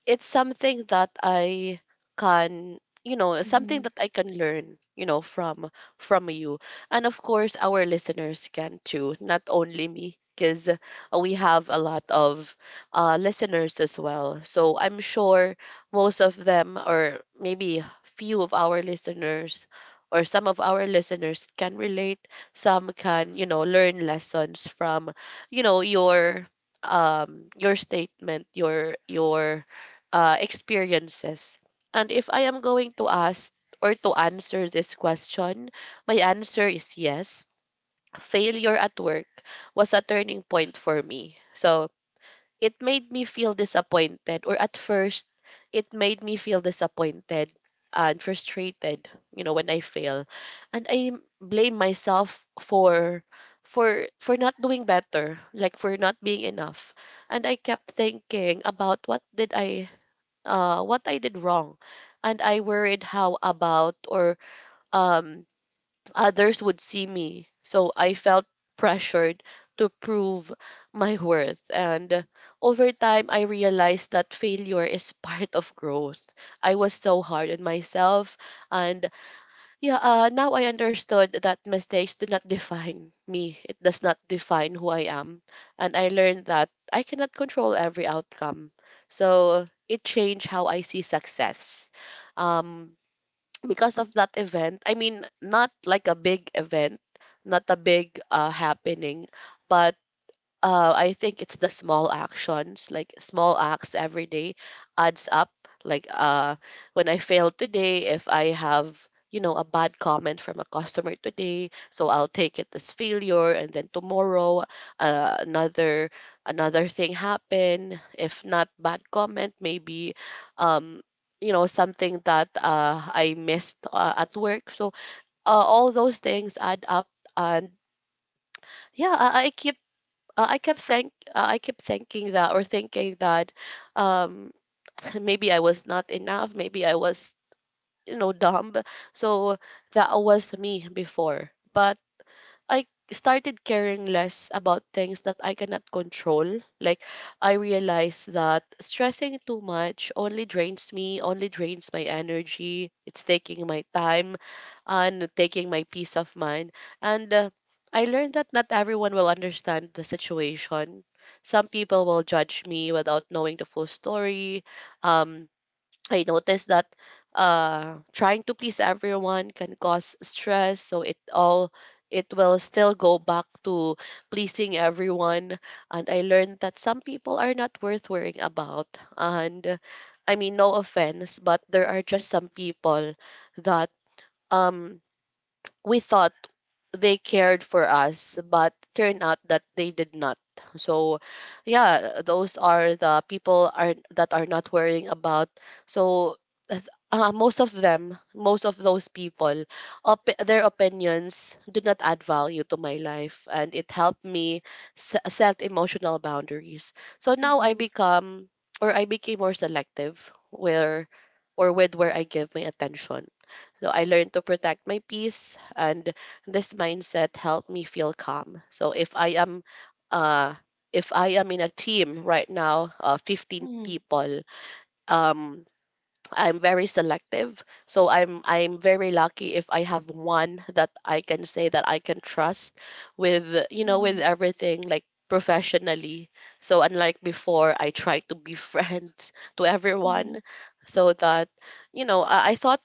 A: It's something that I can something
B: Mm-hmm,
A: that I can learn from you and of course our listeners can too, not only me because we have a lot of listeners as well, so I'm sure most of them, or maybe few of our listeners or some of our listeners can relate. Some can, learn lessons from you know your your statement, your experiences. And if I am going to ask or to answer this question, my answer is yes. Failure at work was a turning point for me. So it made me feel disappointed, or at first, it made me feel disappointed and frustrated, when I fail and I blame myself for not doing better, like for not being enough. And I kept thinking about what I did wrong. And I worried how about or um, others would see me. So I felt pressured to prove my worth. And over time, I realized that failure is part of growth. I was so hard on myself and yeah, now I understood that mistakes do not define me. It does not define who I am. And I learned that I cannot control every outcome. So it changed how I see success. Um, because of that event, I mean, not like a big event, not a big happening, but I think it's the small actions, like small acts every day adds up. Like when I failed today, if I have, a bad comment from a customer today, so I'll take it as failure, and then tomorrow uh, another another thing happen. If not bad comment, maybe um, something that I missed at work. So all those things add up and yeah, I keep I kept thank I kept thinking that or thinking that um maybe I was not enough, maybe I was dumb. So that was me before. But I started caring less about things that I cannot control. Like, I realized that stressing too much only drains me, only drains my energy. It's taking my time and taking my peace of mind. And I learned that not everyone will understand the situation. Some people will judge me without knowing the full story. Um, I noticed that trying to please everyone can cause stress, so it will still go back to pleasing everyone. And I learned that some people are not worth worrying about. And I mean, no offense, but there are just some people that um we thought they cared for us, but turned out that they did not. So, yeah, those are the people are that are not worrying about. So, th- most of them, most of those people, their opinions do not add value to my life, and it helped me set emotional boundaries. So now I
B: mm-hmm,
A: become, or I became more selective where, or with where I give my attention, so I learned to protect my peace, and this mindset helped me feel calm. So uh, if I am in a team right now, 15
B: mm-hmm,
A: people, um, I'm very selective. So I'm very lucky if I have one that I can say that I can trust with
B: mm-hmm,
A: with everything, like professionally. So unlike before, I try to be friends to everyone so that I thought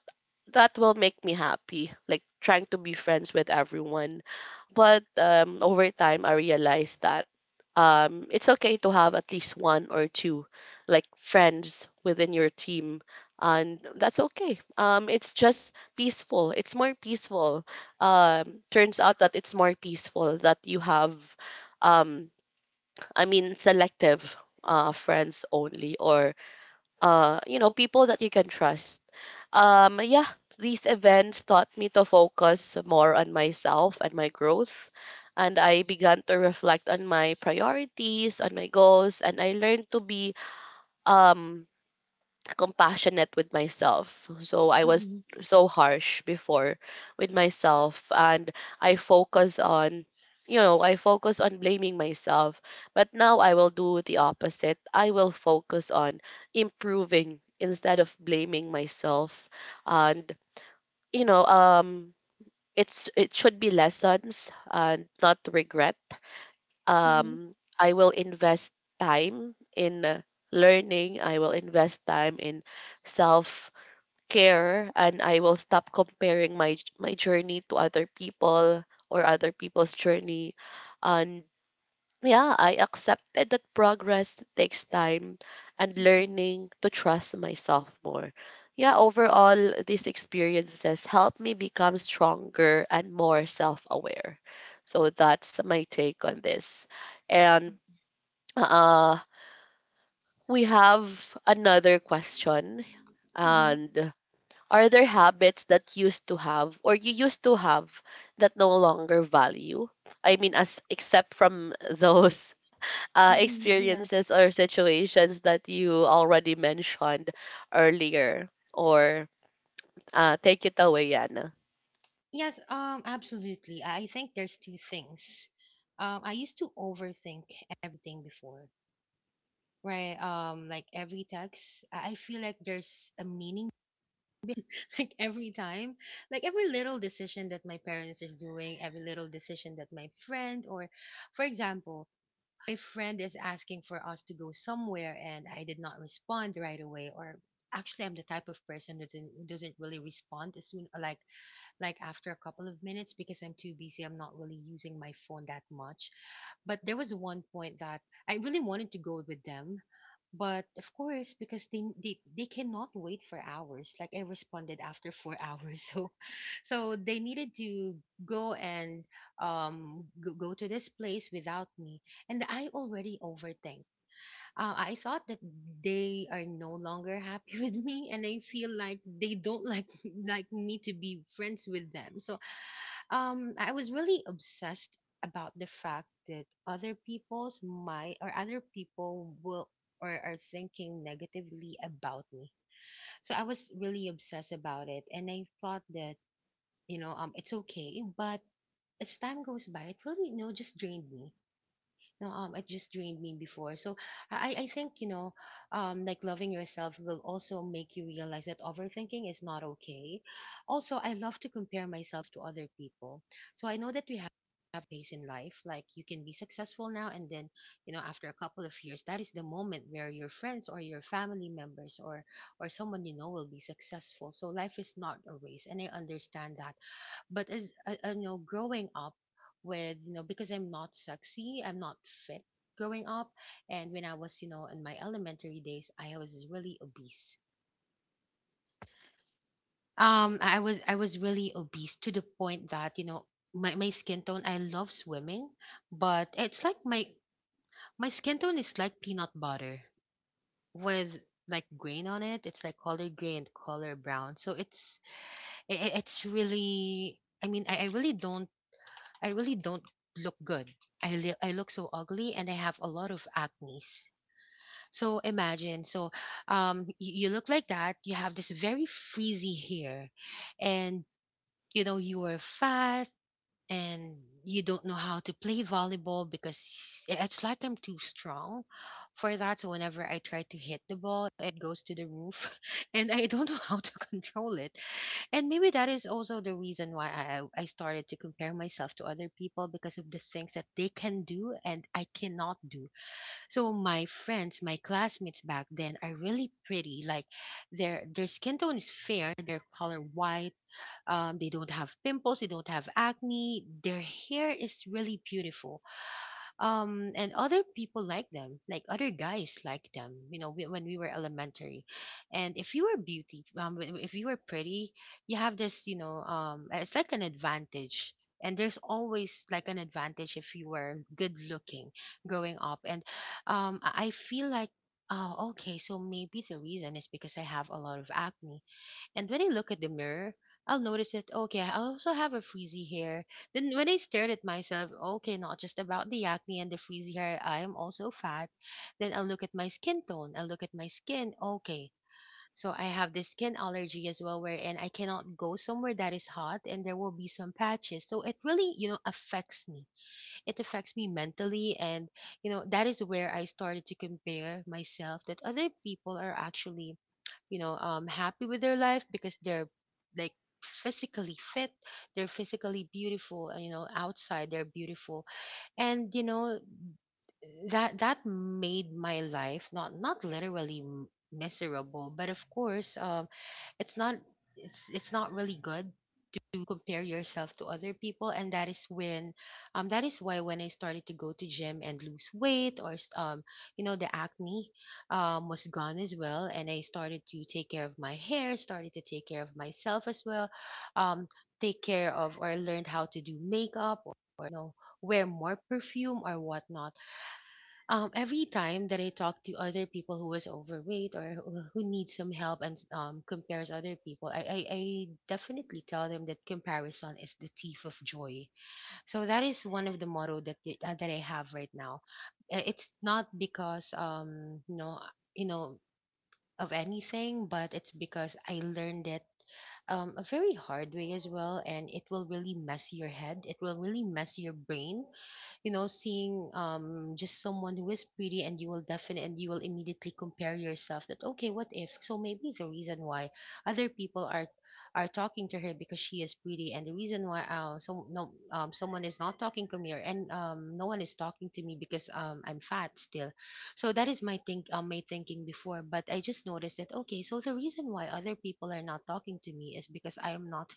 A: that will make me happy, like trying to be friends with everyone, but, over time, I realized that, it's okay to have at least one or two, like, friends within your team. And that's okay. It's just peaceful. It's more peaceful. Turns out that it's more peaceful that you have, um, I mean, selective friends only, or, people that you can trust. Yeah, these events taught me to focus more on myself and my growth. And I began to reflect on my priorities, on my goals, and I learned to be um, compassionate with myself. So I was
B: mm-hmm,
A: so harsh before with myself, and I focus on I focus on blaming myself, but now I will do the opposite. I will focus on improving instead of blaming myself. And you know um it's, it should be lessons and not regret. um I will invest time in learning. I will invest time in self care, and I will stop comparing my journey to other people or other people's journey. And yeah, I accepted that progress takes time and
B: mm-hmm,
A: learning to trust myself more. Yeah, overall, these experiences help me become stronger and more self aware. So that's my take on this. And uh, we have another question.
B: mm-hmm,
A: And are there habits that used to have, or you used to have, that no longer value? I mean, as except from those
B: mm-hmm, yes.
A: experiences or situations that you already mentioned earlier, or take it away, Yana.
B: Yes. Absolutely. I think there's two things. I used to overthink everything before. Right. Like every text, I feel like there's a meaning. Like every time, like every little decision that my parents is doing, every little decision that my friend, or, for example, my friend is asking for us to go somewhere and I did not respond right away. Or actually, I'm the type of person that doesn't really respond as soon. Like after a couple of minutes, because I'm too busy. I'm not really using my phone that much. But there was one point that I really wanted to go with them. But of course, because they cannot wait for hours. Like I responded after 4 hours, so so they needed to go and go to this place without me. And I already overthink. I thought that they are no longer happy with me, and I feel like they don't like like me to be friends with them. So I was really obsessed about the fact that other people will or are thinking negatively about me. So I was really obsessed about it, and I thought that it's okay, but as time goes by, it really just drained me no It just drained me before. So I think like loving yourself will also make you realize that overthinking is not okay. Also, I love to compare myself to other people. So I know that we have pace in life, like you can be successful now, and then you know after a couple of years that is the moment where your friends or your family members or someone you know will be successful. So life is not a race, and I understand that. But as you know growing up, with you know because I'm not sexy, I'm not fit, growing up, and when I was you know in my elementary days, I was really obese. I was really obese to the point that you know my, my skin tone, I love swimming, but it's like my skin tone is like peanut butter with like grain on it. It's like color gray and color brown. So it's it's really, I mean, I really don't, I really don't look good. I look so ugly and I have a lot of acne. So imagine, so um, y- you look like that, you have this very frizzy hair, and you know, you are fat, and you don't know how to play volleyball because it's like I'm too strong for that. So whenever I try to hit the ball, it goes to the roof and I don't know how to control it. And maybe that is also the reason why I started to compare myself to other people, because of the things that they can do and I cannot do. So my friends, my classmates back then are really pretty. Like their skin tone is fair, their color white. They don't have pimples, they don't have acne. Their hair is really beautiful, and other people like them, like other guys like them, you know, when we were elementary, and if you were beauty, if you were pretty, you have this you know it's like an advantage, and there's always like an advantage if you were good looking, growing up. And I feel like, oh okay, so maybe the reason is because I have a lot of acne, and when I look at the mirror, I'll notice it. Okay, I also have a frizzy hair. Then when I stared at myself, okay, not just about the acne and the frizzy hair, I am also fat. Then I'll look at my skin tone. I'll look at my skin. Okay. So I have this skin allergy as well, wherein I cannot go somewhere that is hot and there will be some patches. So it really, you know, affects me. It affects me mentally. And, you know, that is where I started to compare myself that other people are actually you know happy with their life, because they're like physically fit, they're physically beautiful, and you know outside they're beautiful. And you know, that made my life, not not literally miserable, but of course, it's not, it's not really good to compare yourself to other people. And that is when, that is why when I started to go to gym and lose weight, or you know, the acne was gone as well, and I started to take care of my hair, started to take care of myself as well. Um Take care of, or learned how to do makeup, or you know, wear more perfume or whatnot. Every time that I talk to other people who was overweight or who needs some help and compares other people, I definitely tell them that comparison is the thief of joy. So that is one of the motto that that I have right now. It's not because you know of anything, but it's because I learned it a very hard way as well, and it will really mess your head. It will really mess your brain. You know, seeing just someone who is pretty, and you will definitely, and you will immediately compare yourself that okay, what if? So maybe the reason why other people are talking to her because she is pretty, and the reason why someone is not talking to me, or and no one is talking to me because I'm fat still. So that is my think my thinking before. But I just noticed that okay, so the reason why other people are not talking to me is because I am not,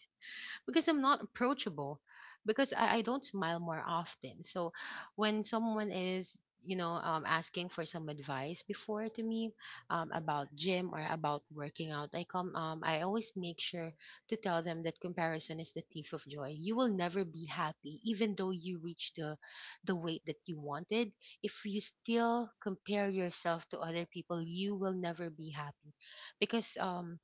B: because I'm not approachable, because I don't smile more often. So when someone is you know asking for some advice before to me about gym or about working out, I always make sure to tell them that comparison is the thief of joy. You will never be happy, even though you reach the weight that you wanted. If you still compare yourself to other people, you will never be happy, because um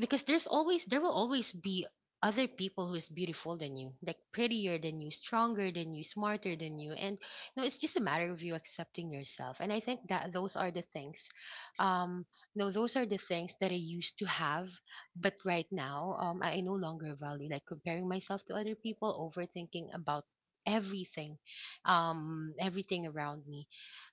B: because there's always, there will always be other people who is beautiful than you, like prettier than you, stronger than you, smarter than you. And you know, it's just a matter of you accepting yourself. And I think that those are the things, um no those are the things that I used to have, but right now I no longer value like comparing myself to other people, overthinking about everything, everything around me.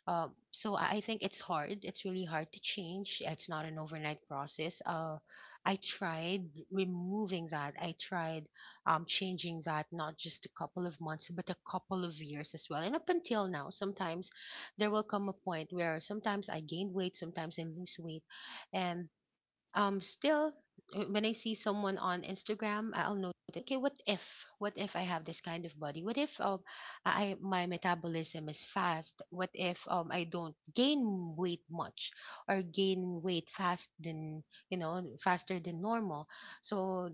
B: So I think it's hard. It's really hard to change. It's not an overnight process. I tried removing that. I tried changing that, not just a couple of months, but a couple of years as well. And up until now, sometimes there will come a point where sometimes I gain weight, sometimes I lose weight, and still, when I see someone on Instagram, I'll notice, okay, what if, what if I have this kind of body, what if I my metabolism is fast, what if I don't gain weight much, or gain weight fast than you know faster than normal. So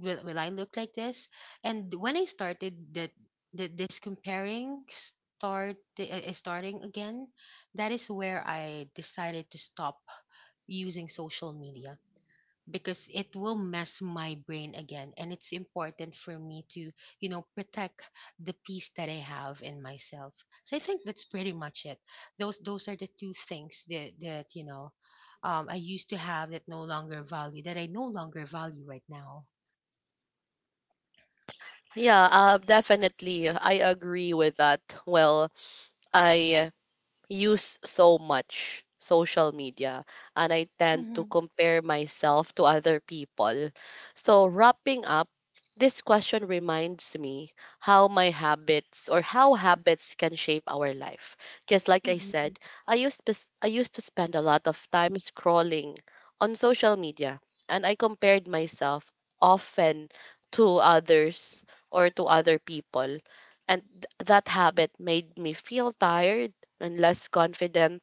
B: will I look like this? And when I started that, that this comparing starting again, that is where I decided to stop using social media, because it will mess my brain again. And it's important for me to you know protect the peace that I have in myself. So I think that's pretty much it. Those those are the two things that that you know, I used to have, that no longer value that I no longer value right now.
A: Yeah, definitely I agree with that. Well, I use so much social media and I tend to
B: Mhm,
A: compare myself to other people. So, wrapping up, this question reminds me how my habits, or how habits can shape our life. Because, like I
B: mhm,
A: said, I used to spend a lot of time scrolling on social media and I compared myself often to others or to other people. And that habit made me feel tired and less confident.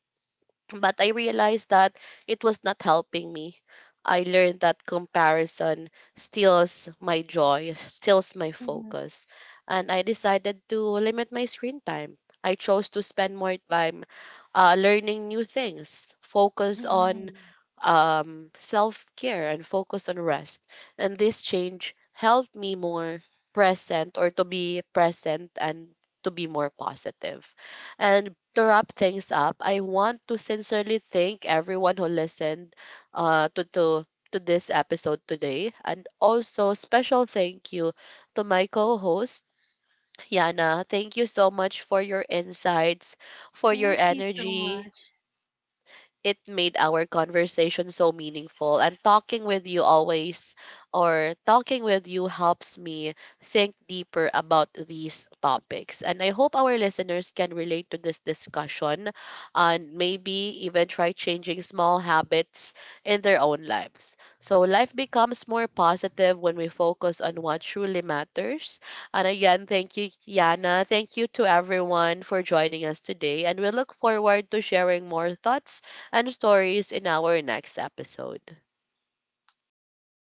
A: But I realized that it was not helping me. I learned that comparison steals my joy, steals my
B: mhm,
A: focus. And I decided to limit my screen time. I chose to spend more time learning new things, focus on
B: mhm.
A: self care, and focus on rest. And this change helped me more present, or to be present, and to be more positive. And to wrap things up, I want to sincerely thank everyone who listened uh, to, to to this episode today. And also special thank you to my co-host, Yana. Thank you so much for your insights, for your
B: Thank you so
A: energy,
B: much.
A: it made our conversation so meaningful. And talking with you always, or talking with you helps me think deeper about these topics. And I hope our listeners can relate to this discussion and maybe even try changing small habits in their own lives. So life becomes more positive when we focus on what truly matters. And again, thank you, Yana. Thank you to everyone for joining us today. And we look forward to sharing more thoughts and stories in our next episode.
B: Thank you.